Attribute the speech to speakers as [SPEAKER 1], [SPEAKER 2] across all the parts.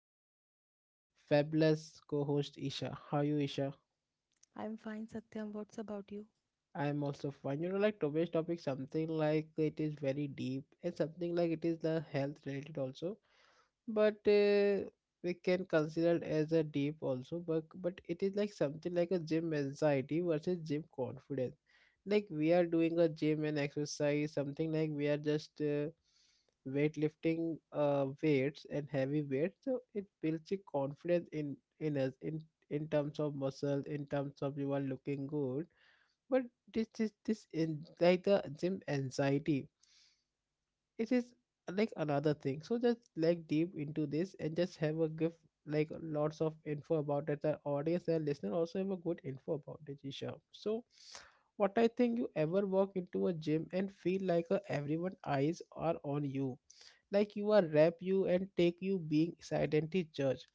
[SPEAKER 1] is our fabulous co-host Isha. How are you Isha?
[SPEAKER 2] I'm fine, Satyam. What's about you?
[SPEAKER 1] I'm also fine. You know, like today's topic, something like it is very deep and something like it is the health related also, but we can consider it as a deep also. But it is like something like a gym anxiety versus gym confidence. Like we are doing a gym and exercise, something like we are just weightlifting weights and heavy weights. So it builds a confidence in us in terms of muscle, in terms of you are looking good but this in like the gym anxiety. It is like another thing. So just like deep into this and just have a give like lots of info about it. Our audience, our listener also have a good info about it, Isha. So what I think you ever walk into a gym and feel like everyone eyes are on you like you are wrap you and take you being silently judge,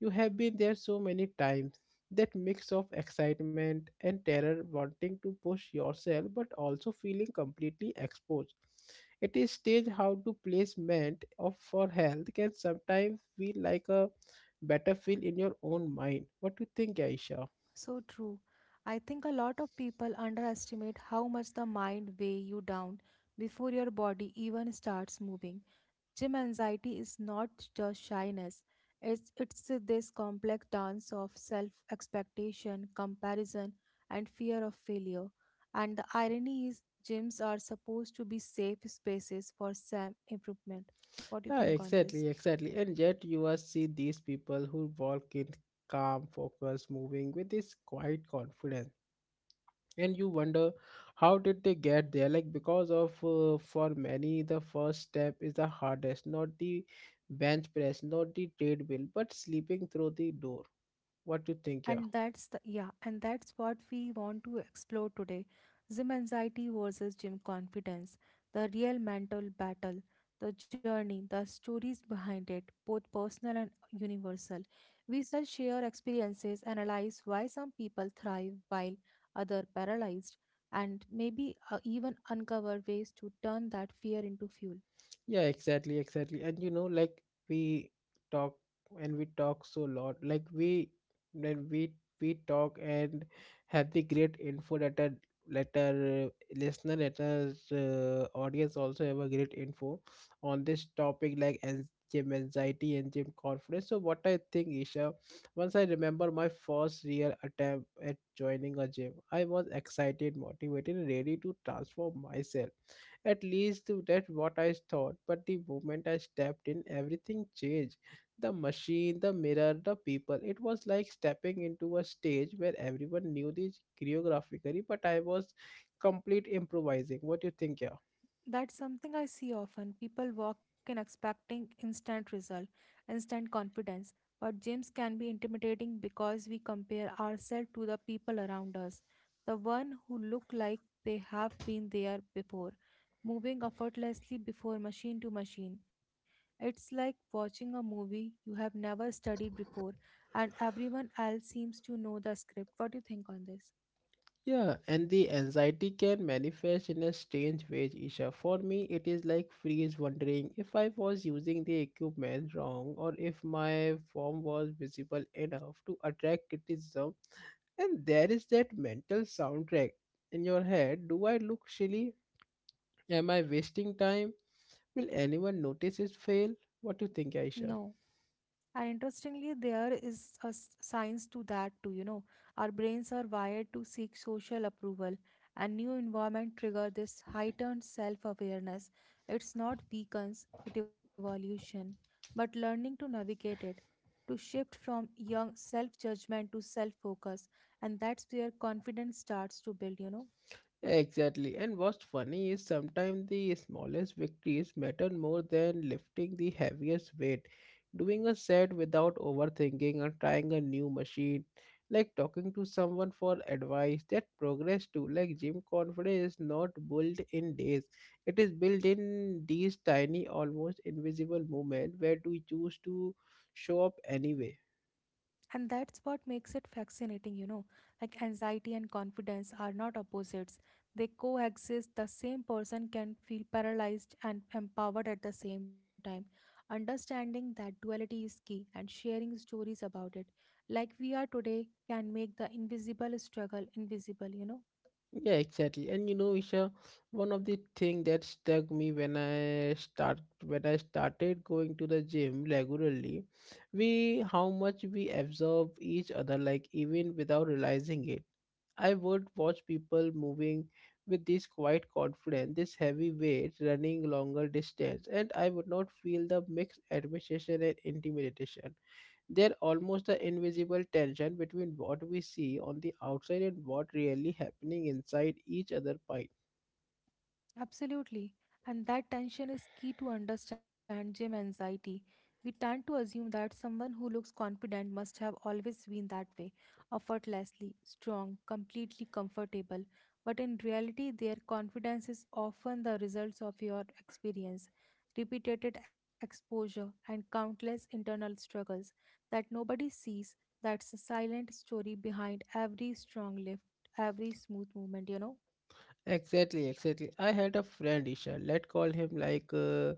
[SPEAKER 1] you have been there so many times. That mix of excitement and terror, wanting to push yourself but also feeling completely exposed. It is strange how to placement of for health can sometimes feel like a battlefield in your own mind. What do you think, Aisha?
[SPEAKER 2] So true. I think a lot of people underestimate how much the mind weigh you down before your body even starts moving. Gym anxiety is not just shyness. It's this complex dance of self-expectation, comparison, and fear of failure. And the irony is gyms are supposed to be safe spaces for self-improvement. What do you
[SPEAKER 1] Yeah,
[SPEAKER 2] think on this?
[SPEAKER 1] exactly, exactly. And yet you are see these people who walk in calm, focus, moving with this quiet confidence and you wonder how did they get there like because of for many the first step is the hardest not the bench press not the treadmill but sleeping through the door. What do you think,
[SPEAKER 2] And
[SPEAKER 1] yeah?
[SPEAKER 2] that's the, yeah, and that's what we want to explore today. Gym anxiety versus gym confidence, the real mental battle, the journey, the stories behind it, both personal and universal. We shall share experiences, analyze why some people thrive while others paralyzed, and maybe even uncover ways to turn that fear into fuel.
[SPEAKER 1] Yeah, exactly, exactly. And you know, like we talk and we talk so lot. Like we when we talk and have the great info that our let our listener, let our audience also have a great info on this topic, like gym anxiety and gym confidence. So what I think, Isha, once I remember my first real attempt at joining a gym, I was excited, motivated, and ready to transform myself, at least that's what I thought. But the moment I stepped in, everything changed. The machine, the mirror, the people. It was like stepping into a stage where everyone knew the choreographically, but I was complete improvising. What do you think, yeah?
[SPEAKER 2] That's something I see often. People walk in expecting instant result, instant confidence. But gyms can be intimidating because we compare ourselves to the people around us, the one who look like they have been there before, moving effortlessly before machine to machine. It's like watching a movie you have never studied before, and everyone else seems to know the script. What do you think on this?
[SPEAKER 1] Yeah, and the anxiety can manifest in a strange way, Isha. For me, it is like freeze wondering if I was using the equipment wrong or if my form was visible enough to attract criticism. And there is that mental soundtrack in your head. Do I look silly? Am I wasting time? Will anyone notice this fail? What do you think,
[SPEAKER 2] No.
[SPEAKER 1] Aisha?
[SPEAKER 2] And interestingly, there is a science to that too, you know. Our brains are wired to seek social approval, and new environment trigger this heightened self-awareness. It's not weakens; it evolution, but learning to navigate it, to shift from young self-judgment to self-focus, and that's where confidence starts to build, you know.
[SPEAKER 1] Exactly. And what's funny is sometimes the smallest victories matter more than lifting the heaviest weight. Doing a set without overthinking or trying a new machine, like talking to someone for advice, that progress too. Like gym confidence is not built in days. It is built in these tiny, almost invisible moments where do you choose to show up anyway.
[SPEAKER 2] And that's what makes it fascinating, you know. Like anxiety and confidence are not opposites, they coexist. The same person can feel paralyzed and empowered at the same time. Understanding that duality is key and sharing stories about it, like we are today, can make the invisible struggle invisible, you know.
[SPEAKER 1] Yeah, exactly. And you know, Isha, one of the thing that struck me when I started going to the gym regularly, we how much we absorb each other, like even without realizing it. I would watch people moving with this quiet confidence, this heavy weight, running longer distance, and I would not feel the mixed admiration and intimidation. They're almost the invisible tension between what we see on the outside and what really happening inside each other pipe.
[SPEAKER 2] Absolutely. And that tension is key to understand gym anxiety. We tend to assume that someone who looks confident must have always been that way, effortlessly, strong, completely comfortable. But in reality, their confidence is often the results of your experience, repeated exposure, and countless internal struggles that nobody sees. That's the silent story behind every strong lift, every smooth movement, you know.
[SPEAKER 1] Exactly, exactly. I had a friend, Isha. Let's call him like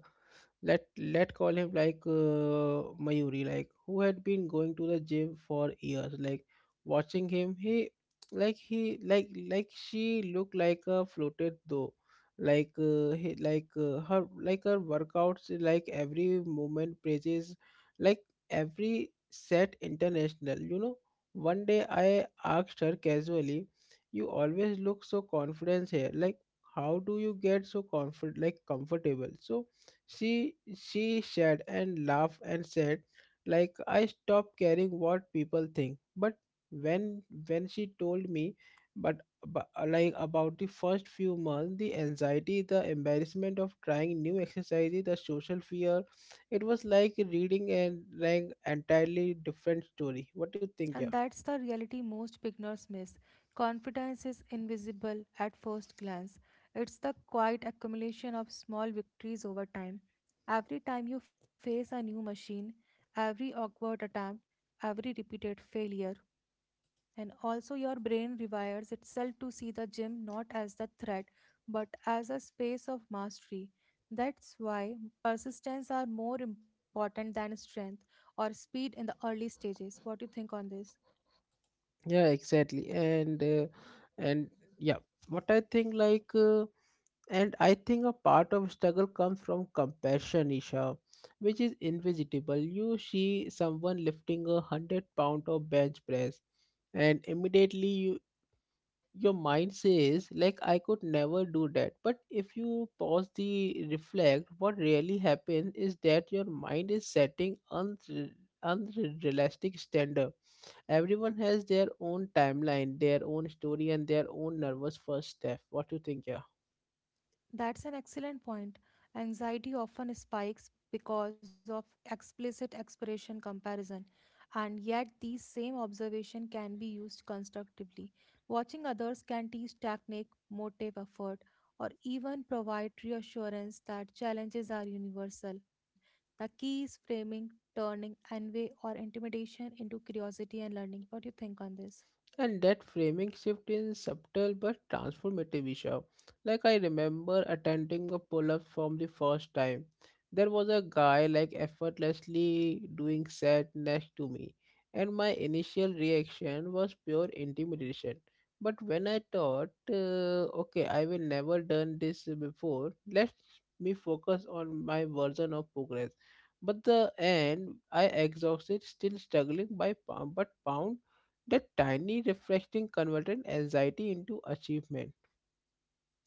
[SPEAKER 1] let let call him like Mayuri, like who had been going to the gym for years. Like watching him, he like she looked like a floated though. Like he, like her like her workouts, like every movement praises, like every set international. You know, one day I asked her casually, "You always look so confident here. Like how do you get so comfortable?" So she shared and laughed and said, like I stopped caring what people think. But when when she told me, but, but like about the first few months, the anxiety, the embarrassment of trying new exercises, the social fear, it was like reading an like entirely different story. What do you
[SPEAKER 2] And
[SPEAKER 1] think? Yeah,
[SPEAKER 2] that's the reality most beginners miss. Confidence is invisible at first glance. It's the quiet accumulation of small victories over time. Every time you face a new machine, every awkward attempt, every repeated failure, and also your brain rewires itself to see the gym not as the threat but as a space of mastery. That's why persistence are more important than strength or speed in the early stages. What do you think on this?
[SPEAKER 1] yeah, exactly. And yeah, what I think like. And I think a part of struggle comes from compassion, Isha, which is invisible. You see someone lifting 100 pound of bench press, and immediately your mind says, like, I could never do that. But if you pause the reflect, what really happens is that your mind is setting unrealistic standard. Everyone has their own timeline, their own story, and their own nervous first step. What do you think, yeah?
[SPEAKER 2] That's an excellent point. Anxiety often spikes because of explicit expiration comparison, and yet these same observation can be used constructively. Watching others can teach technique, motive, effort, or even provide reassurance that challenges are universal. The key is framing, turning envy or intimidation into curiosity and learning. What do you think on this?
[SPEAKER 1] And that framing shift is subtle but transformative, Isha. Like I remember attending a pull-up from the first time. There was a guy like effortlessly doing set next to me, and my initial reaction was pure intimidation. But when I thought, okay, I will never done this before. Let me focus on my version of progress. But the end, I exhausted, still struggling by pound, but pound that tiny reflecting converted anxiety into achievement.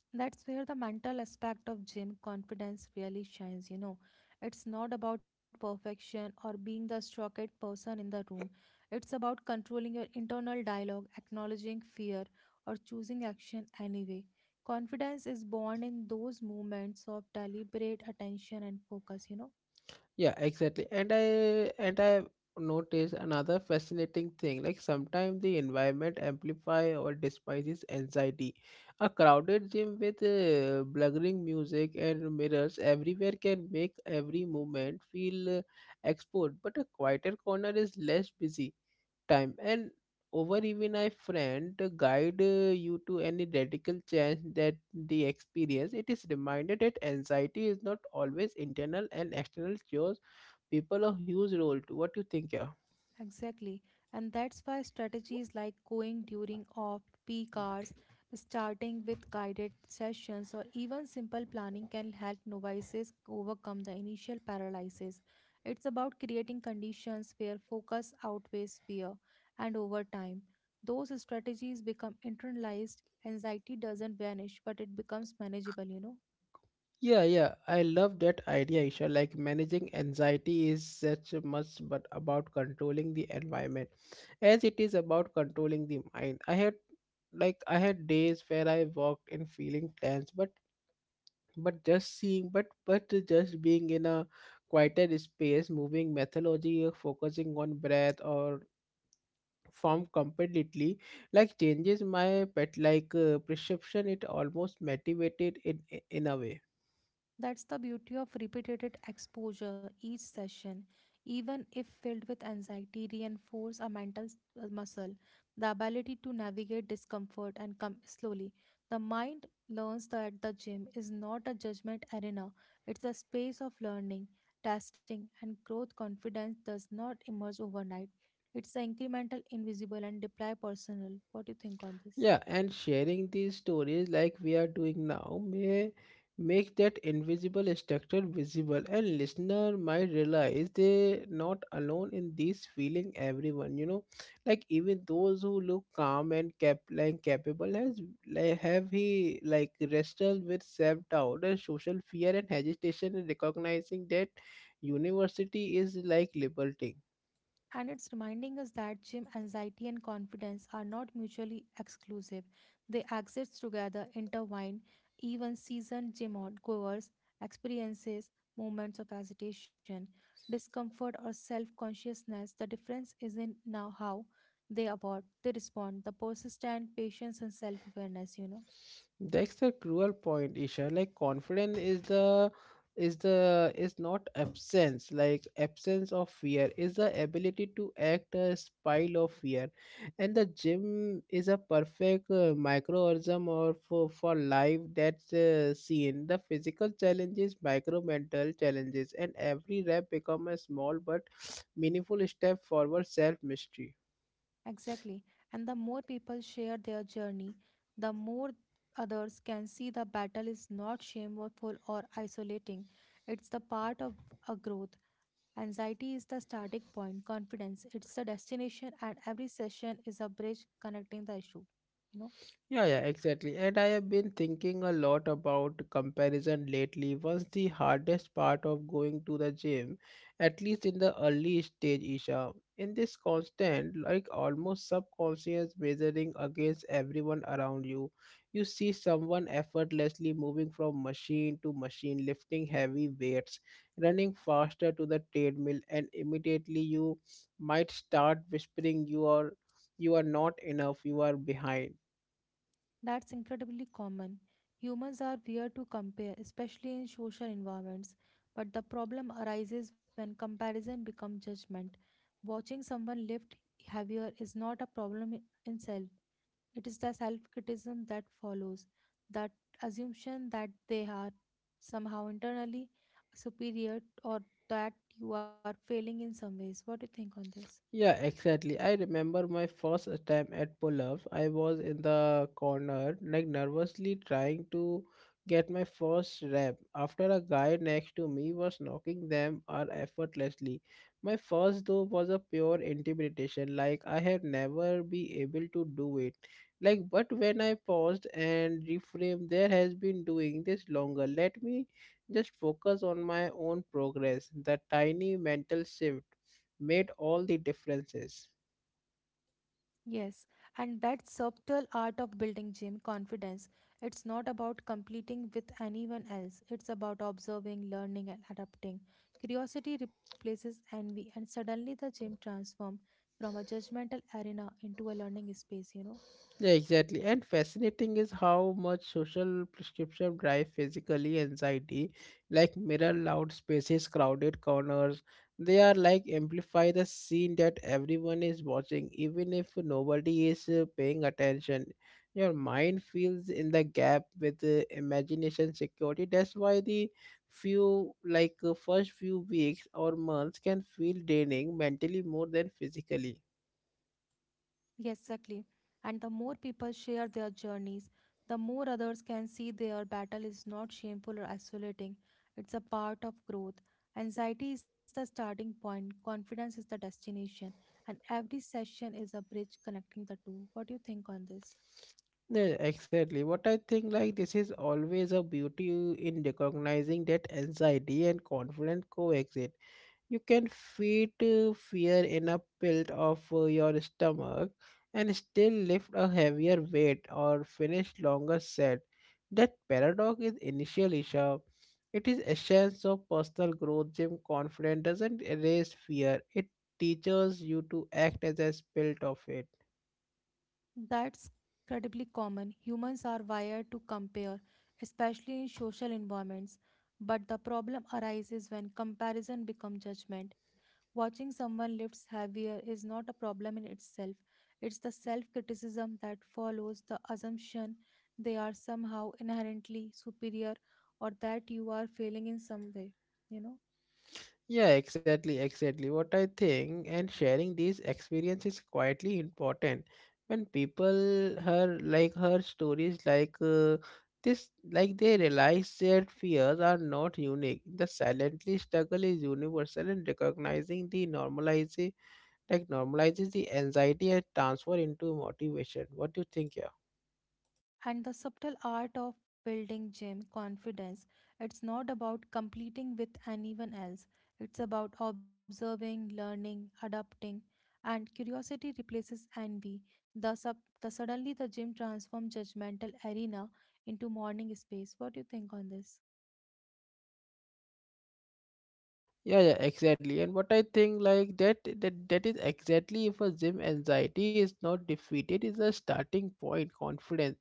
[SPEAKER 2] That's where the mental aspect of gym confidence really shines, you know. It's not about perfection or being the strongest person in the room. It's about controlling your internal dialogue, acknowledging fear, or choosing action anyway. Confidence is born in those moments of deliberate attention and focus, you know.
[SPEAKER 1] Yeah, exactly. And I noticed another fascinating thing. Like sometimes the environment amplify or despises anxiety. A crowded gym with blaring music and mirrors everywhere can make every movement feel exposed. But a quieter corner is less busy time and over even a friend to guide you to any radical change that the experience it is reminded that anxiety is not always internal and external cures people a huge role to. What do you think, yeah?
[SPEAKER 2] Exactly. And that's why strategies like going during off peak hours, starting with guided sessions, or even simple planning can help novices overcome the initial paralysis. It's about creating conditions where focus outweighs fear, and over time, those strategies become internalized. Anxiety doesn't vanish, but it becomes manageable, you know.
[SPEAKER 1] Yeah, yeah, I love that idea, Isha. Like managing anxiety is such a must but about controlling the environment as it is about controlling the mind. I had days where I walked in feeling tense, but just being in a quieter space, moving methodology or focusing on breath or form completely, like changes my pet like perception. It almost motivated in a way.
[SPEAKER 2] That's the beauty of repeated exposure. Each session, even if filled with anxiety, reinforce a muscle, the ability to navigate discomfort and come slowly. The mind learns that the gym is not a judgment arena; it's a space of learning, testing, and growth. Confidence does not emerge overnight. It's incremental, invisible, and deeply personal. What do you think on this?
[SPEAKER 1] Yeah, and sharing these stories like we are doing now may make that invisible structure visible and listener might realize they're not alone in this feeling everyone, like even those who look calm and capable has like have he like wrestled with self-doubt and social fear and hesitation in recognizing that university is like liberating.
[SPEAKER 2] And it's reminding us that gym anxiety and confidence are not mutually exclusive. They exist together, intertwined. Even seasoned goers experiences moments of hesitation, discomfort, or self consciousness. The difference is in now how they abort, they respond, the persistent patience and self awareness, you know.
[SPEAKER 1] That's the cruel point, Isha. Like confidence is the is the is not absence, like absence of fear is the ability to act a pile of fear. And the gym is a perfect microorganism or for life that's seen. The physical challenges, micro mental challenges, and every rep become a small but meaningful step forward self mystery.
[SPEAKER 2] Exactly. And the more people share their journey, the more others can see the battle is not shameful or isolating. It's the part of a growth. Anxiety is the starting point, confidence, it's the destination, and every session is a bridge connecting the issue. You know?
[SPEAKER 1] Yeah, yeah, exactly. And I have been thinking a lot about comparison lately. Was the hardest part of going to the gym, at least in the early stage, Isha. In this constant, like almost subconscious measuring against everyone around you, you see someone effortlessly moving from machine to machine, lifting heavy weights, running faster to the treadmill, and immediately you might start whispering you are not enough, you are behind.
[SPEAKER 2] That's incredibly common. Humans are weird to compare, especially in social environments. But the problem arises when comparison becomes judgment. Watching someone lift heavier is not a problem in itself. It is the self criticism that follows, that assumption that they are somehow internally superior or that you are failing in some ways. What do you think on this?
[SPEAKER 1] Yeah, exactly. I remember my first attempt at pull-ups. I was in the corner, like nervously trying to get my first rep after a guy next to me was knocking them out effortlessly. My first though was a pure intimidation, like I have never be able to do it. Like, but when I paused and reframed, there has been doing this longer. Let me just focus on my own progress. The tiny mental shift made all the differences.
[SPEAKER 2] Yes, and that subtle art of building gym confidence, it's not about competing with anyone else. It's about observing, learning, and adapting. Curiosity replaces envy, and suddenly the gym transforms from a judgmental arena into a learning space, you know.
[SPEAKER 1] Yeah, exactly. And fascinating is how much social prescription drive physically anxiety, like mirror loud spaces, crowded corners. They are like amplify the scene that everyone is watching, even if nobody is paying attention. Your mind feels in the gap with imagination security. That's why the few like first few weeks or months can feel draining mentally more than physically.
[SPEAKER 2] Yes, exactly. And the more people share their journeys, the more others can see their battle is not shameful or isolating. It's a part of growth. Anxiety is the starting point, confidence is the destination, and every session is a bridge connecting the two. What do you think on this?
[SPEAKER 1] Yeah, exactly. What I think, like, this is always a beauty in recognizing that anxiety and confidence coexist. You can feed fear in a pit of your stomach and still lift a heavier weight or finish longer set. That paradox is initially sharp. It is essence of personal growth. Gym confidence doesn't erase fear. It teaches you to act as a spirit of it.
[SPEAKER 2] That's incredibly common. Humans are wired to compare, especially in social environments. But the problem arises when comparison becomes judgment. Watching someone lift heavier is not a problem in itself. It's the self criticism that follows the assumption they are somehow inherently superior or that you are failing in some way, you know.
[SPEAKER 1] Yeah, exactly, exactly, what I think. And sharing these experience is quietly important. When people her stories like this, like they realize their fears are not unique. The silently struggle is universal, and recognizing the normalizing, like normalizes the anxiety and transfer into motivation. What do you think, yeah?
[SPEAKER 2] And the subtle art of building gym confidence, it's not about competing with anyone else. It's about observing, learning, adapting, and curiosity replaces envy. The sub the suddenly the gym transforms judgmental arena into morning space. What do you think on this?
[SPEAKER 1] Yeah, exactly. And what I think like that is exactly if a gym anxiety is not defeated, is a starting point, confidence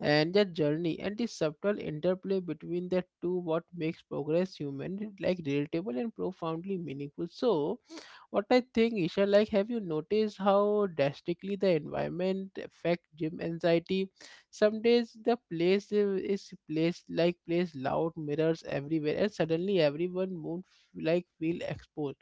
[SPEAKER 1] and the journey and the subtle interplay between the two what makes progress human like relatable and profoundly meaningful. So what I think, Isha, like, have you noticed how drastically the environment affect gym anxiety? Some days the place is placed like place loud mirrors everywhere, and suddenly everyone mood like feel exposed.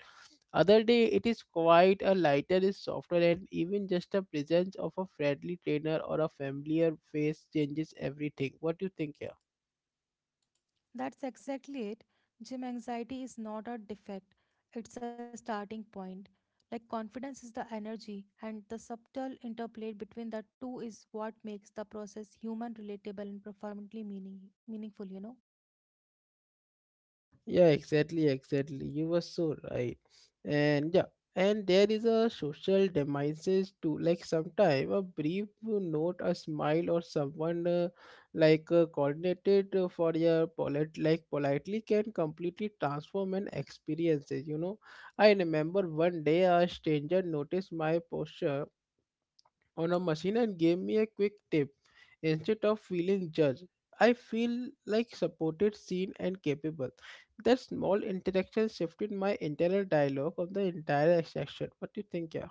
[SPEAKER 1] Other day it is quite a lighter, is softer, and even just the presence of a friendly trainer or a familiar face changes everything. What do you think here?
[SPEAKER 2] That's exactly it. Gym anxiety is not a defect, it's a starting point. Like confidence is the energy, and the subtle interplay between the two is what makes the process human, relatable, and profoundly meaningful, you know?
[SPEAKER 1] Yeah, exactly. You were so right. And yeah, and there is a social demises too. Like sometime a brief note, a smile, or someone like coordinated for your polite, like politely can completely transform an experiences. You know, I remember one day a stranger noticed my posture on a machine and gave me a quick tip. Instead of feeling judged, I feel like supported, seen, and capable. That small interaction shifted my internal dialogue of the entire section. What do you think, yeah?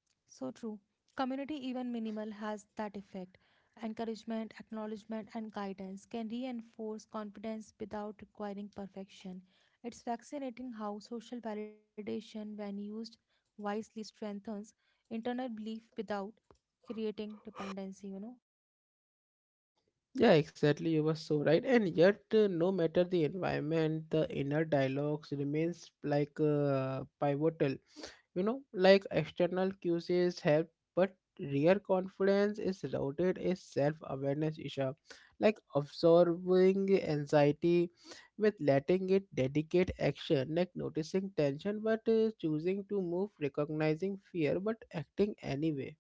[SPEAKER 2] So true. Community, even minimal, has that effect. Encouragement, acknowledgement, and guidance can reinforce confidence without requiring perfection. It's fascinating how social validation, when used wisely, strengthens internal belief without creating dependency, you know.
[SPEAKER 1] Yeah, exactly. You were so right. And yet, no matter the environment, the inner dialogues remains like pivotal. You know, like external cues help, but real confidence is rooted in self-awareness, Isha. Like absorbing anxiety with letting it dedicate action, like noticing tension but choosing to move, recognizing fear but acting anyway.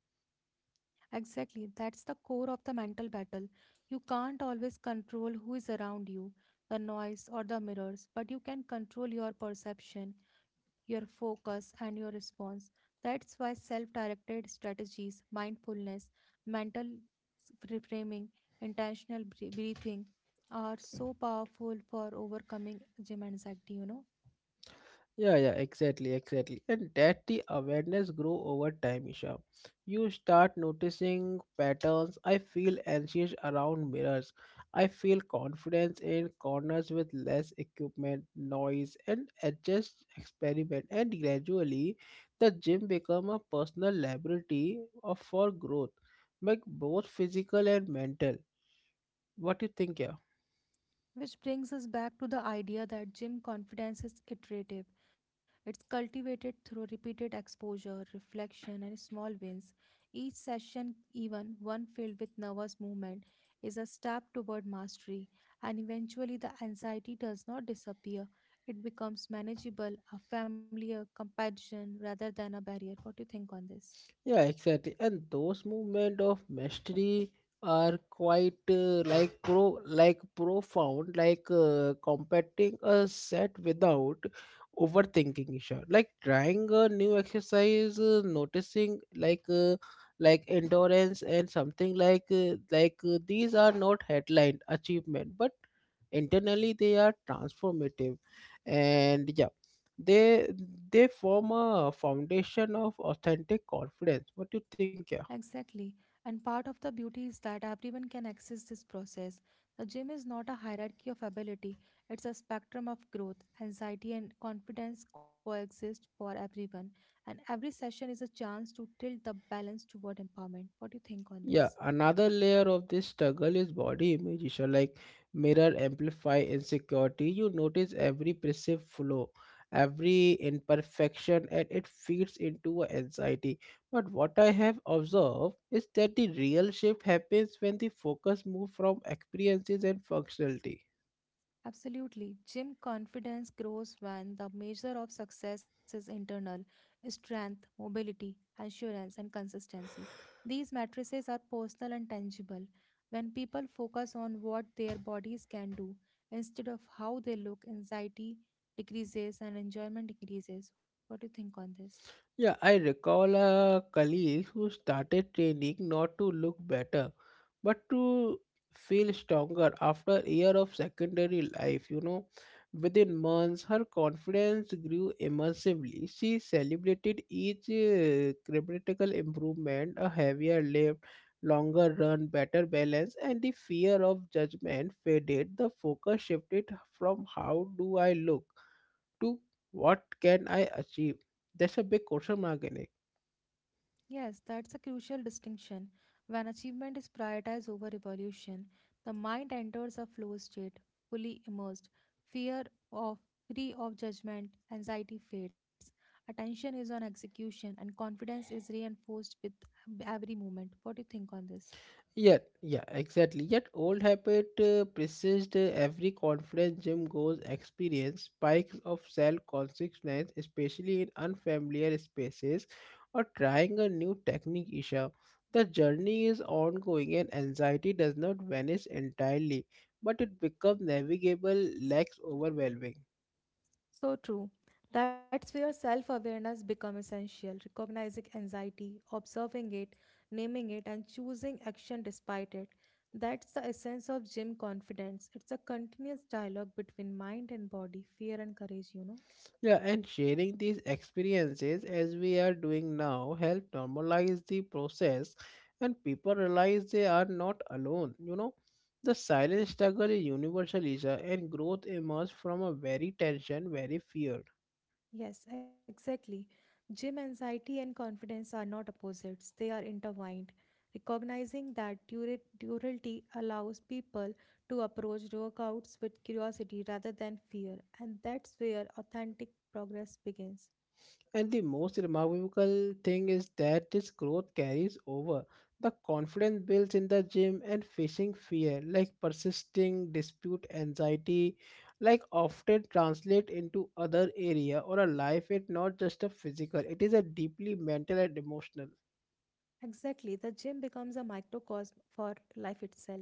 [SPEAKER 2] Exactly, that's the core of the mental battle. You can't always control who is around you, the noise or the mirrors, but you can control your perception, your focus, and your response. That's why self directed strategies, mindfulness, reframing, intentional breathing are so powerful for overcoming gym anxiety, you know.
[SPEAKER 1] Yeah, exactly. And that the awareness grow over time, Isha. You start noticing patterns. I feel anxious around mirrors. I feel confidence in corners with less equipment, noise, and adjust experiment. And gradually, the gym become a personal laboratory of for growth, like both physical and mental. What do you think, yeah?
[SPEAKER 2] Which brings us back to the idea that gym confidence is iterative. It's cultivated through repeated exposure, reflection, and small wins. Each session, even one filled with nervous movement, is a step toward mastery, and eventually the anxiety does not disappear. It becomes manageable, a familiar competition rather than a barrier. What do you think on this?
[SPEAKER 1] Yeah, exactly. And those movement of mastery are quite like profound, like competing a set without overthinking. Isha. Like trying a new exercise, noticing like endurance and something these are not headline achievement, but internally they are transformative, and yeah they they form a foundation of authentic confidence. What do you think, yeah?
[SPEAKER 2] Exactly. And part of the beauty is that everyone can access this process. The gym is not a hierarchy of ability, it's a spectrum of growth. Anxiety and confidence coexist for everyone, and every session is a chance to tilt the balance toward empowerment. What do you think on
[SPEAKER 1] Yeah,
[SPEAKER 2] this?
[SPEAKER 1] another layer of this struggle is body image, so like mirror amplify insecurity. You notice every perceived flaw, every imperfection, and it feeds into a anxiety, but what I have observed is that the real shift happens when the focus moves from experiences and functionality.
[SPEAKER 2] Absolutely. Gym confidence grows when the measure of success is internal strength, mobility, assurance, and consistency. These matrices are personal and tangible. When people focus on what their bodies can do instead of how they look, anxiety decreases and enjoyment decreases. What do you think on this?
[SPEAKER 1] Yeah, I recall a colleague who started training not to look better, but to feel stronger after a year of secondary life, you know. Within months, her confidence grew immeasurably. She celebrated each critical improvement, a heavier lift, longer run, better balance, and the fear of judgment faded. The focus shifted from how do I look to what can I achieve? That's a big question mark in it.
[SPEAKER 2] Yes, that's a crucial distinction. When achievement is prioritized over evolution, the mind enters a flow state, fully immersed. Fear of Free of judgment, anxiety fades. Attention is on execution, and confidence is reinforced with every movement. What do you think on this?
[SPEAKER 1] Yeah, exactly. Yet old habit persists. Every conference gym goes experience spikes of self-consciousness, especially in unfamiliar spaces or trying a new technique, Isha. The journey is ongoing and anxiety does not vanish entirely, but it becomes navigable, less overwhelming.
[SPEAKER 2] So true. That's where self awareness becomes essential. Recognizing anxiety, observing it, naming it, and choosing action despite it. That's the essence of gym confidence. It's a continuous dialogue between mind and body, fear and courage, you know.
[SPEAKER 1] Yeah, and sharing these experiences as we are doing now help normalize the process and people realize they are not alone. You know, the silent struggle is universal, Isha, and growth emerges from a very tension, very fear.
[SPEAKER 2] Yes, exactly. Gym anxiety and confidence are not opposites, they are intertwined. Recognizing that duality allows people to approach workouts with curiosity rather than fear, and that's where authentic progress begins.
[SPEAKER 1] And the most remarkable thing is that this growth carries over. The confidence builds in the gym and facing fear, like persisting dispute, anxiety, like often translate into other area or a life. It not just a physical. It is a deeply mental and emotional.
[SPEAKER 2] Exactly. The gym becomes a microcosm for life itself.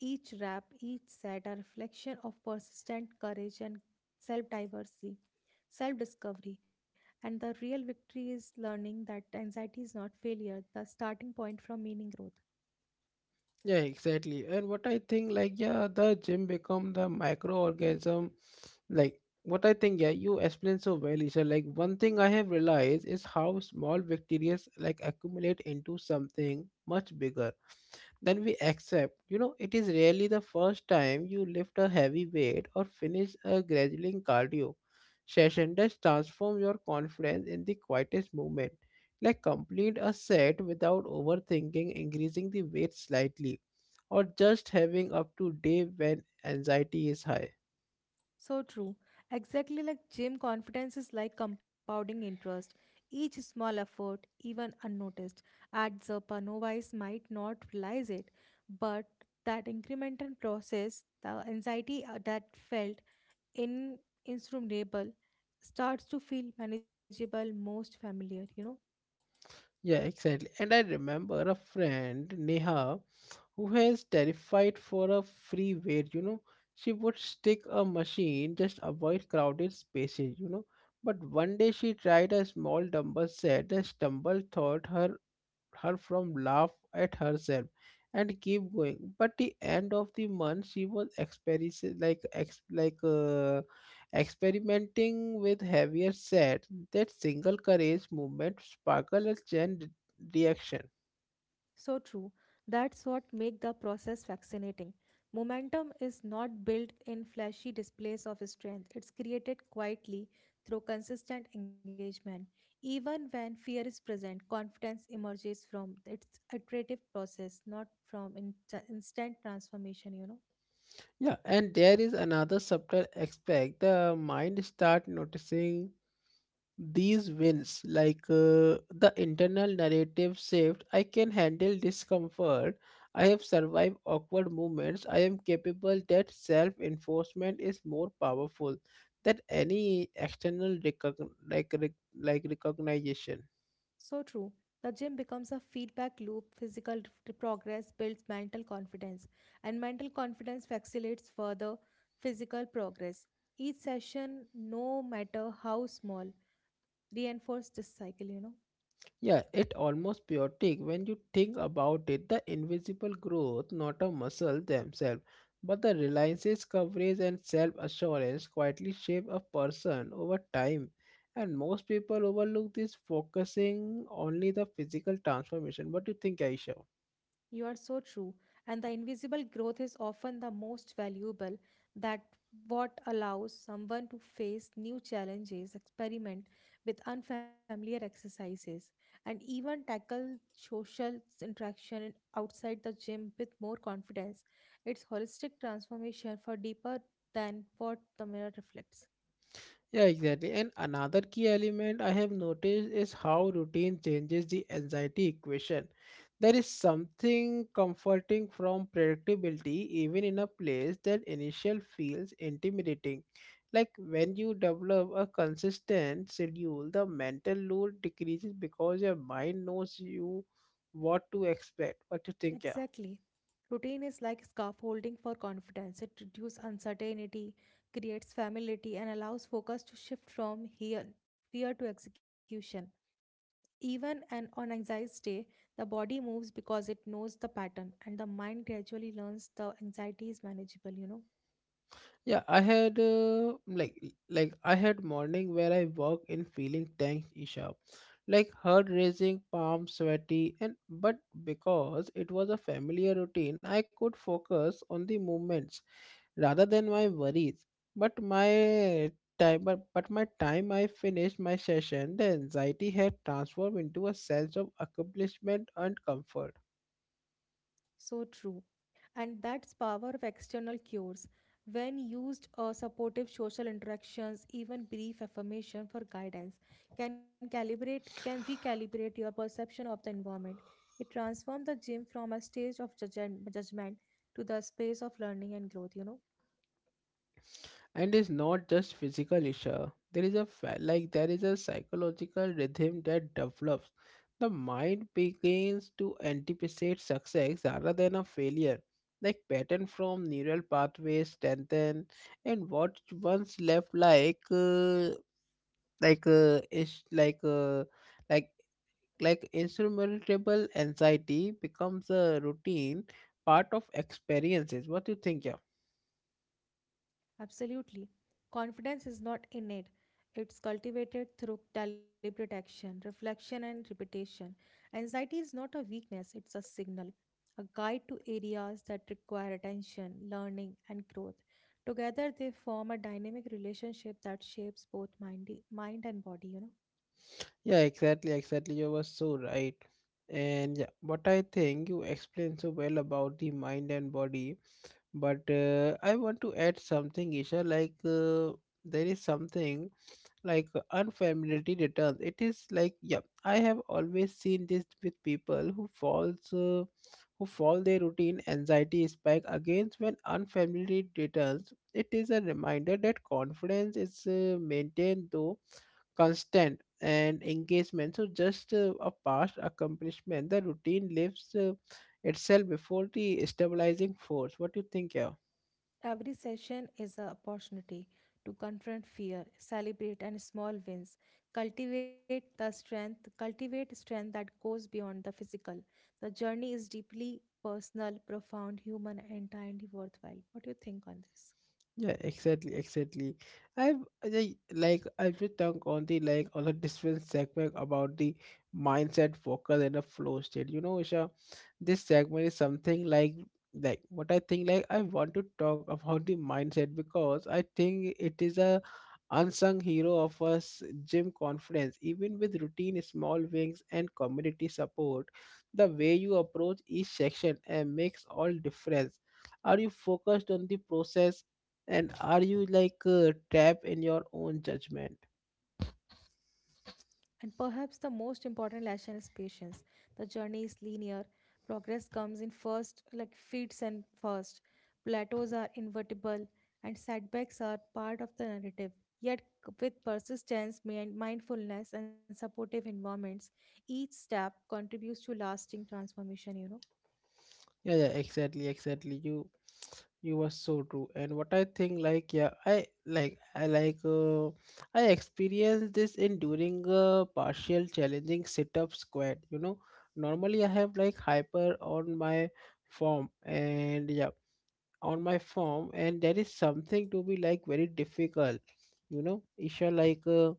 [SPEAKER 2] Each rep, each set, a reflection of persistent courage and self diversity, self discovery. And the real victory is learning that anxiety is not failure, the starting point from meaning growth.
[SPEAKER 1] Yeah, exactly. And what I think, like, yeah, the gym become the microorganism, like what I think, yeah, you explained so well, Isha. Like one thing I have realized is how small victories like accumulate into something much bigger than we accept. You know, it is rarely the first time you lift a heavy weight or finish a grueling cardio session that transforms your confidence in the quietest moment, like complete a set without overthinking, increasing the weight slightly, or just having up to day when anxiety is high.
[SPEAKER 2] So true. Exactly like gym, confidence is like compounding interest. Each small effort, even unnoticed, adds up. And novice might not realize it, but that incremental process, the anxiety that felt in insurmountable, starts to feel manageable, most familiar. You know.
[SPEAKER 1] Yeah, exactly. And I remember a friend, Neha, who has terrified for a free weight, you know. She would stick a machine, just avoid crowded spaces, you know. But one day she tried a small dumbbell set and stumbled thought her, her from laugh at herself and keep going, but the end of the month she was experiencing experimenting with heavier set. That single courage movement sparkle a chain reaction.
[SPEAKER 2] So true. That's what make the process fascinating. Momentum is not built in flashy displays of strength. It's created quietly through consistent engagement. Even when fear is present, confidence emerges from its iterative process, not from instant transformation,
[SPEAKER 1] Yeah, and there is another subtle aspect, the mind start noticing these wins, the internal narrative shift, I can handle discomfort, I have survived awkward moments, I am capable, that self enforcement is more powerful than any external recognition.
[SPEAKER 2] So true. The gym becomes a feedback loop. Physical progress builds mental confidence, and mental confidence facilitates further physical progress. Each session, no matter how small, reinforces this cycle, you know.
[SPEAKER 1] Yeah, it almost chaotic when you think about it. The invisible growth, not a muscle themselves, but the reliances, coverage, and self assurance quietly shape a person over time. And most people overlook this, focusing only the physical transformation. What do you think, Aisha?
[SPEAKER 2] You are so true. And the invisible growth is often the most valuable that what allows someone to face new challenges, experiment with unfamiliar exercises, and even tackle social interaction outside the gym with more confidence. It's holistic transformation for deeper than what the mirror reflects.
[SPEAKER 1] Yeah, exactly. And another key element I have noticed is how routine changes the anxiety equation. There is something comforting from predictability, even in a place that initial feels intimidating. Like when you develop a consistent schedule, the mental load decreases because your mind knows you what to expect, what to think.
[SPEAKER 2] Exactly. Routine is like scaffolding for confidence. It reduces uncertainty, creates familiarity, and allows focus to shift from here, fear to execution. Even on anxious day, the body moves because it knows the pattern, and the mind gradually learns the anxiety is manageable,
[SPEAKER 1] Yeah, I had I had morning where I walk in feeling thanks Isha, like heart raising, palm sweaty, and but because it was a familiar routine, I could focus on the movements rather than my worries. But my but my time I finished my session, the anxiety had transformed into a sense of accomplishment and comfort.
[SPEAKER 2] So true. And that's power of external cues. When used, supportive social interactions, even brief affirmation for guidance, can recalibrate your perception of the environment. It transforms the gym from a stage of judgment to the space of learning and growth.
[SPEAKER 1] And it's not just physical issue. There is a there is a psychological rhythm that develops. The mind begins to anticipate success rather than a failure, like pattern from neural pathways strengthen, and what once left like is like like insurmountable anxiety becomes a routine part of experiences. What do you think, yeah?
[SPEAKER 2] Absolutely. Confidence is not innate. It's cultivated through deliberate action, reflection, and repetition. Anxiety is not a weakness, it's a signal, a guide to areas that require attention, learning, and growth. Together, they form a dynamic relationship that shapes both mind and body,
[SPEAKER 1] Yeah, exactly. You were so right. And yeah, what I think you explained so well about the mind and body, but I want to add something, Isha. There is something unfamiliarity returns. It is like yeah, I have always seen this with people who fall their routine anxiety spike against when unfamiliarity returns. It is a reminder that confidence is maintained though constant and engagement, so just a past accomplishment the routine lives itself before the stabilizing force. What do you think, yeah?
[SPEAKER 2] Every session is an opportunity to confront fear, celebrate and small wins, cultivate strength that goes beyond the physical. The journey is deeply personal, profound, human, and entirely worthwhile. What do you think on this?
[SPEAKER 1] Yeah, exactly. I've I, like I've just talked on the on a different segment about the mindset, focus, and the flow state. You know, Isha, this segment is something like what I think, like, I want to talk about the mindset because I think it is a unsung hero of us gym conference. Even with routine, small wings, and community support, the way you approach each section and makes all difference. Are you focused on the process? And are you like trapped in your own judgment?
[SPEAKER 2] And perhaps the most important lesson is patience. The journey is linear. Progress comes in first, like feats and first. Plateaus are invertible, and setbacks are part of the narrative. Yet, with persistence, mindfulness, and supportive environments, each step contributes to lasting transformation,
[SPEAKER 1] Yeah, exactly. You were so true. And what I think, like, yeah, I experienced this in during a partial challenging sit-up squat. You know, normally I have like hyper on my form. And yeah, on my form, and there is something to be like very difficult, you know, Isha, like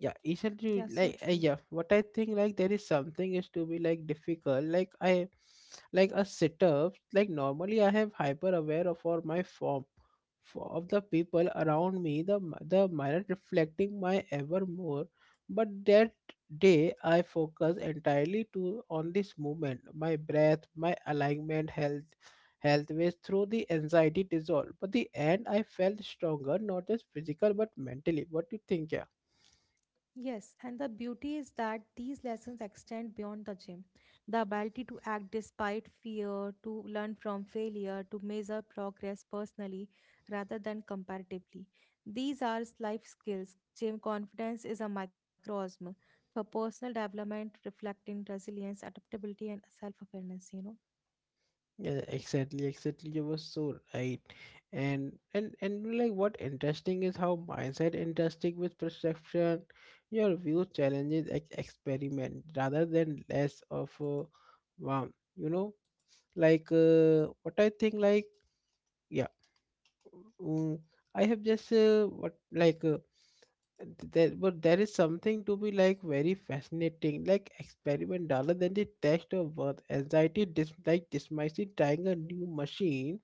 [SPEAKER 1] yeah isn't you
[SPEAKER 2] Yeah, so
[SPEAKER 1] like
[SPEAKER 2] true.
[SPEAKER 1] yeah what I think, like, there is something is to be like difficult, like a sit-up, like normally I have hyper aware of for my form for of the people around me, the the mirror reflecting my ever more, but that day I focus entirely to on this movement, my breath, my alignment, health ways through the anxiety dissolve, but the end I felt stronger, not just physical but mentally. What do you think, yeah?
[SPEAKER 2] Yes, and the beauty is that these lessons extend beyond the gym. The ability to act despite fear, to learn from failure, to measure progress personally rather than comparatively. These are life skills. Gym confidence is a microcosm for personal development, reflecting resilience, adaptability, and self awareness,
[SPEAKER 1] Yeah, exactly. You were so right, and like what interesting is how mindset interesting with perception. Your view challenges experiment rather than less of wow. You know, like what I think. Like yeah, mm, I have just what like there but there is something to be like very fascinating like experiment rather than the test of worth anxiety dismissing, trying a new machine,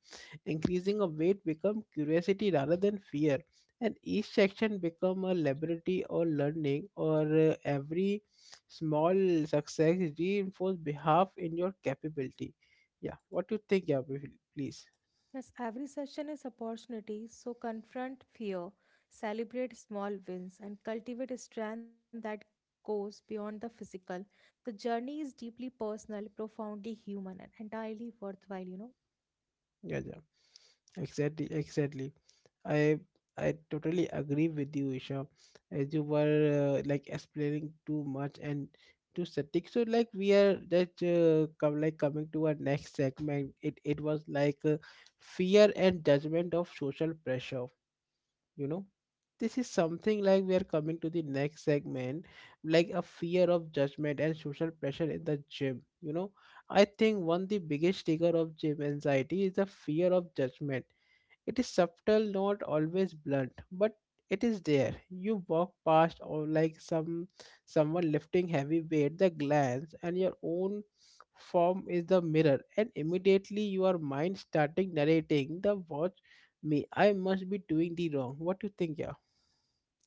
[SPEAKER 1] increasing a weight become curiosity rather than fear, and each section become a laboratory or learning or every small success reinforce behalf in your capability. Yeah, what do you think, yeah? Please.
[SPEAKER 2] Yes, every session is opportunity, so confront fear, celebrate small wins, and cultivate a strength that goes beyond the physical. The journey is deeply personal, profoundly human, and entirely worthwhile,
[SPEAKER 1] Yeah, exactly. I I totally agree with you, Isha, as you were like explaining too much and too static. So like we are that come like coming to our next segment. It was like fear and judgment of social pressure. You know, this is something like we are coming to the next segment, like a fear of judgment and social pressure in the gym. You know, I think one the biggest trigger of gym anxiety is the fear of judgment. It is subtle, not always blunt, but it is there. You walk past or like someone lifting heavy weight, the glance and your own form is the mirror, and immediately your mind starting narrating the watch me. I must be doing the wrong. What do you think, yeah?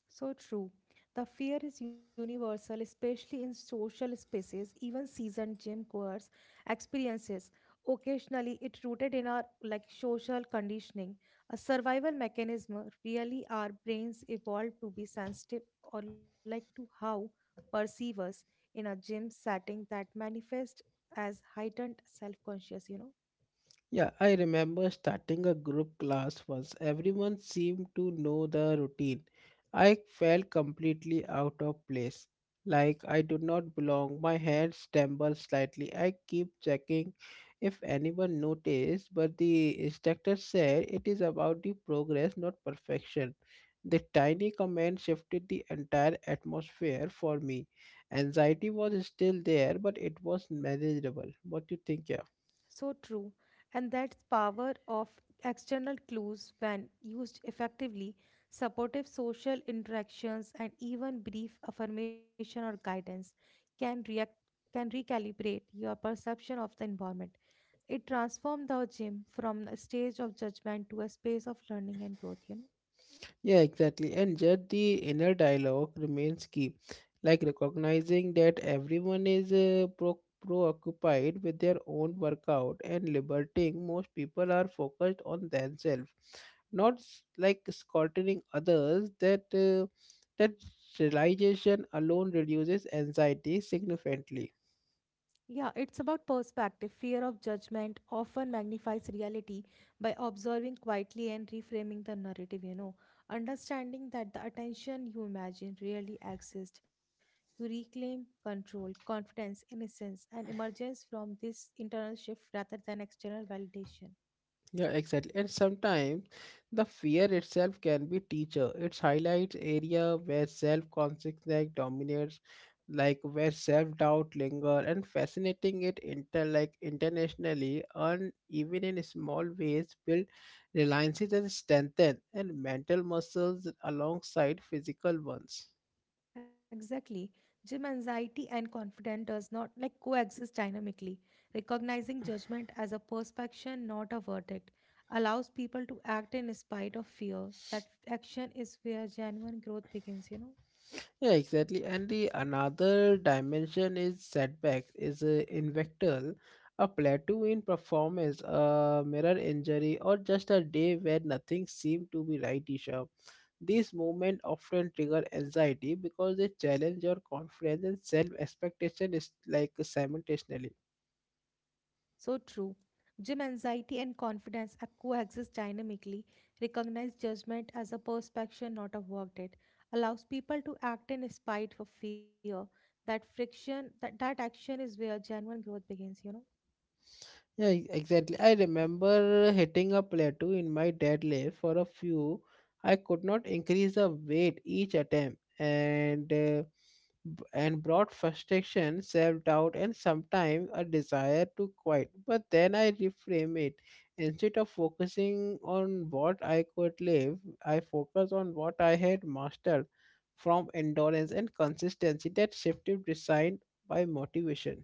[SPEAKER 2] So true. The fear is universal, especially in social spaces, even seasoned gym goers experiences. Occasionally, it rooted in our like social conditioning, a survival mechanism. Really, our brains evolved to be sensitive or like to how perceive us in a gym setting that manifests as heightened self-conscious.
[SPEAKER 1] Yeah, I remember starting a group class once. Everyone seemed to know the routine. I felt completely out of place, like I do not belong. My hands trembled slightly. I keep checking if anyone noticed, but the instructor said it is about the progress, not perfection. The tiny comment shifted the entire atmosphere for me. Anxiety was still there, but it was manageable. What do you think, yeah?
[SPEAKER 2] So true. And that's power of external clues when used effectively, supportive social interactions and even brief affirmation or guidance can react can recalibrate your perception of the environment. It transforms the gym from a stage of judgment to a space of learning and growth,
[SPEAKER 1] Yeah, exactly. And just the inner dialogue remains key, like recognizing that everyone is preoccupied with their own workout and liberating most people are focused on themselves, not like scolding others. That realization alone reduces anxiety significantly.
[SPEAKER 2] Yeah, it's about perspective. Fear of judgment often magnifies reality by observing quietly and reframing the narrative, Understanding that the attention you imagine really exists, you reclaim control, confidence, innocence, and emergence from this internal shift rather than external validation.
[SPEAKER 1] Yeah, exactly. And sometimes the fear itself can be teacher. It highlights area where self-consciousness dominates, like where self-doubt linger, and fascinating it internationally and even in small ways build reliances and strengthen and mental muscles alongside physical ones.
[SPEAKER 2] Exactly. Gym anxiety and confidence does not like coexist dynamically. Recognizing judgment as a perception, not a verdict, allows people to act in spite of fear. That action is where genuine growth begins,
[SPEAKER 1] Yeah, exactly. And the another dimension is setbacks, is invectal, a plateau in performance, a mirror injury, or just a day where nothing seemed to be right, Isha. These moments often trigger anxiety because they challenge your confidence and self-expectation is like simultaneously.
[SPEAKER 2] So true. Gym anxiety and confidence are coexist dynamically. Recognize judgment as a perception, not a verdict, allows people to act in spite of fear. That action is where genuine growth begins,
[SPEAKER 1] Yeah, exactly. I remember hitting a plateau in my deadlift for a few. I could not increase the weight each attempt, and and brought frustration, self-doubt, and sometimes a desire to quit. But then I reframe it. Instead of focusing on what I could live, I focus on what I had mastered from endurance and consistency that shifted design by motivation.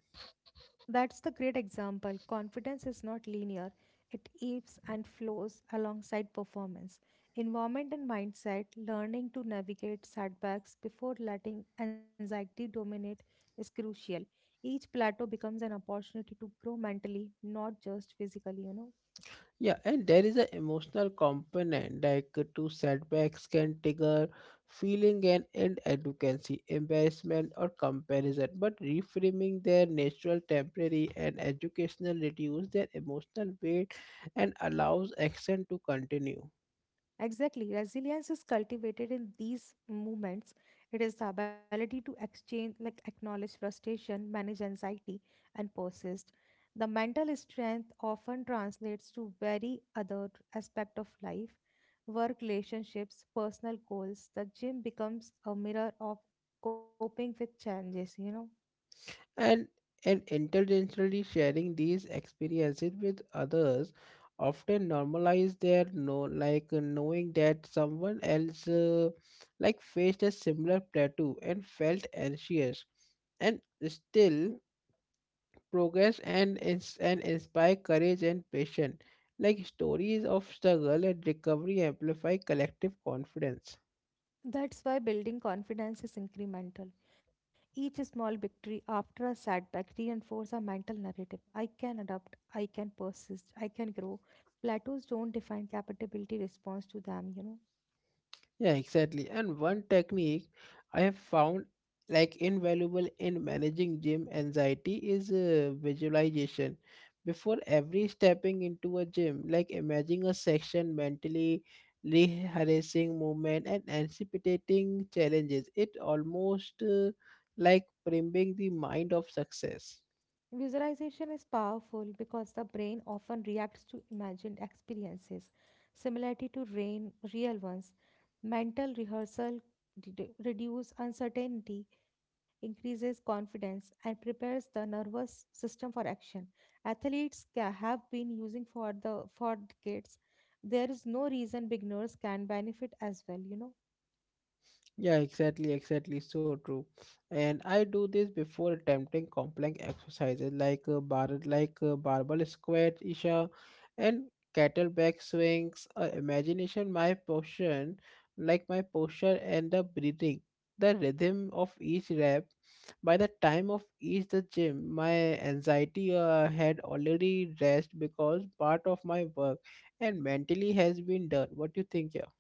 [SPEAKER 2] That's the great example. Confidence is not linear, it ebbs and flows alongside performance. Environment and mindset, learning to navigate setbacks before letting anxiety dominate, is crucial. Each plateau becomes an opportunity to grow mentally, not just physically,
[SPEAKER 1] Yeah, and there is an emotional component like two setbacks can trigger feeling and end advocacy, embarrassment or comparison. But reframing their natural temporary and educational reduce their emotional weight and allows action to continue.
[SPEAKER 2] Exactly. Resilience is cultivated in these moments. It is the ability to exchange, like acknowledge frustration, manage anxiety, and persist. The mental strength often translates to very other aspect of life, work relationships, personal goals. The gym becomes a mirror of coping with challenges,
[SPEAKER 1] and and intentionally sharing these experiences with others often normalize their know like knowing that someone else like faced a similar plateau and felt anxious and still progress and and inspire courage and patience, like stories of struggle and recovery amplify collective confidence.
[SPEAKER 2] That's why building confidence is incremental. Each small victory after a setback reinforces a mental narrative. I can adapt, I can persist, I can grow. Plateaus don't define capability response to them,
[SPEAKER 1] Yeah, exactly. And one technique I have found like invaluable in managing gym anxiety is visualization. Before every stepping into a gym, like imagine a section mentally rehearsing movement and anticipating challenges. It almost like priming the mind of success.
[SPEAKER 2] Visualization is powerful because the brain often reacts to imagined experiences, similarity to rain, real ones. Mental rehearsal reduces uncertainty, increases confidence, and prepares the nervous system for action. Athletes have been using for the for decades. There is no reason beginners can benefit as well.
[SPEAKER 1] Yeah, exactly, exactly. So true. And I do this before attempting complex exercises like barbell squat, Isha, and kettlebell swings. Imagination, my posture and the breathing, the rhythm of each rep. By the time of each the gym, my anxiety had already rest because part of my work and mentally has been done. What do you think, yeah?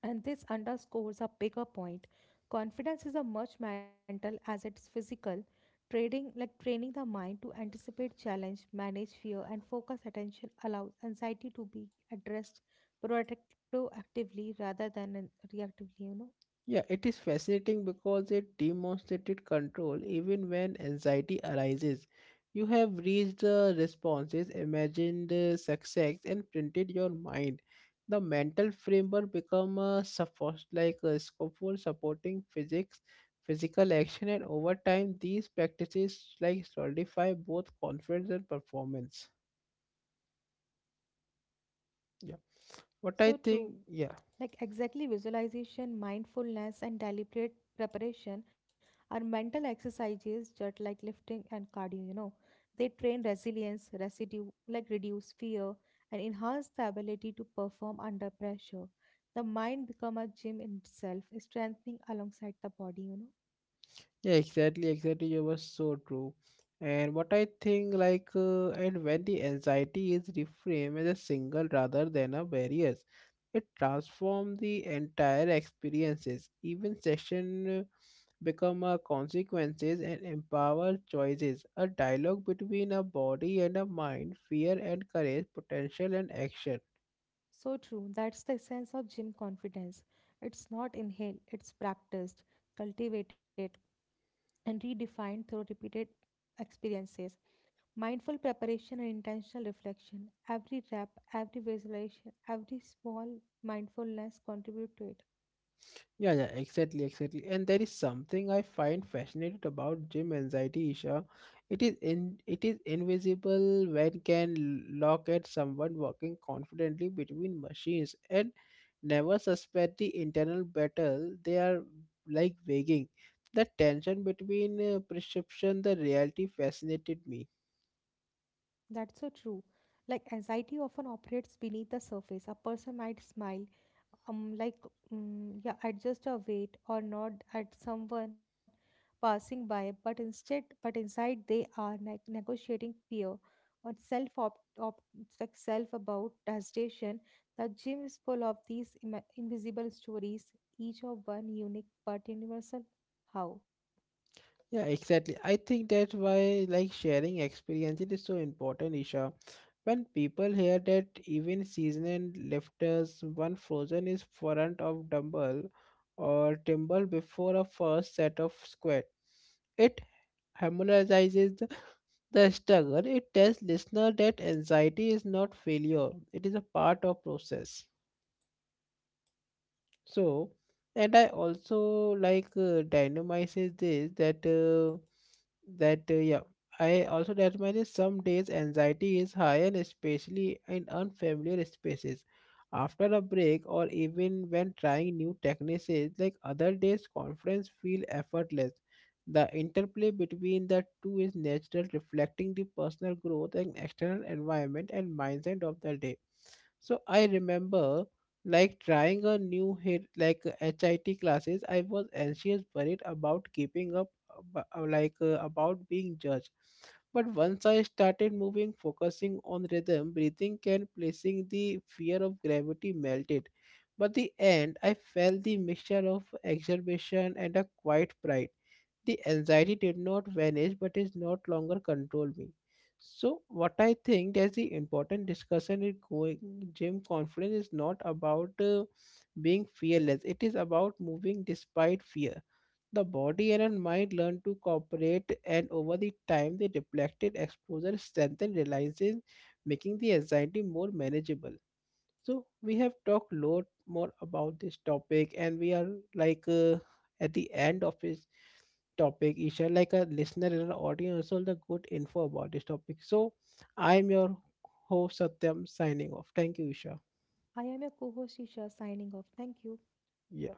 [SPEAKER 2] And this underscores a bigger point. Confidence is as much mental as it's physical. Trading like training the mind to anticipate challenge, manage fear, and focus attention allows anxiety to be addressed proactive- proactively rather than reactively,
[SPEAKER 1] Yeah, it is fascinating because it demonstrated control even when anxiety arises. You have reached the responses, imagined success, and printed your mind. The mental framework become a support like a scaffold supporting physical action, and over time these practices like solidify both confidence and performance. Yeah, what I
[SPEAKER 2] So true.
[SPEAKER 1] think. Yeah.
[SPEAKER 2] Like exactly visualization, mindfulness, and deliberate preparation are mental exercises just like lifting and cardio, They train resilience, residue, like reduce fear, and enhance the ability to perform under pressure. The mind become a gym in itself, strengthening alongside the body,
[SPEAKER 1] Yeah, exactly, exactly. You were so true. And what I think, and when the anxiety is reframed as a single rather than a barriers, it transforms the entire experiences. Even session become a consequences and empower choices. A dialogue between a body and a mind, fear and courage, potential and action.
[SPEAKER 2] So true. That's the essence of gym confidence. It's not inhaled, it's practiced, cultivated, and redefined through repeated experiences. Mindful preparation and intentional reflection. Every rep, every visualization, every small mindfulness contribute to it.
[SPEAKER 1] Yeah, yeah, exactly, exactly. And there is something I find fascinating about gym anxiety, Isha. It is invisible when can look at someone walking confidently between machines and never suspect the internal battle they are like waging. The tension between perception, the reality fascinated me.
[SPEAKER 2] That's so true. Like anxiety often operates beneath the surface. A person might smile, um, like yeah, adjust a weight or nod at someone passing by, but inside they are negotiating fear or self op, op like self about hesitation. The gym is full of these invisible stories, each of one unique but universal. How?
[SPEAKER 1] Yeah, exactly. I think that's why like sharing experience it is so important, Isha. When people hear that even seasoned lifters one frozen is front of dumbbell or timber before a first set of squat, it harmonizes the struggle. It tells listener that anxiety is not failure; it is a part of process. So, and I also like dynamizes this that that yeah. I also dynamize some days anxiety is higher, especially in unfamiliar spaces. After a break or even when trying new techniques, like other days conference feel effortless. The interplay between the two is natural, reflecting the personal growth and external environment and mindset of the day. So I remember like trying a new HIT classes, I was anxious, worried about keeping up, about being judged. But once I started moving, focusing on rhythm, breathing, and placing the fear of gravity melted. But the end, I felt the mixture of exhilaration and a quiet pride. The anxiety did not vanish but is not longer control me. So what I think there's the important discussion is going, gym confidence is not about being fearless, it is about moving despite fear. The body and mind learn to cooperate and over the time the reflected exposure strengthen reliances, making the anxiety more manageable. So we have talked a lot more about this topic, and we are like at the end of this topic. Isha, like a listener and an audience, all the good info about this topic. So I am your host Satyam signing off. Thank you, Isha.
[SPEAKER 2] I am your co-host Isha signing off. Thank you.
[SPEAKER 1] Yeah.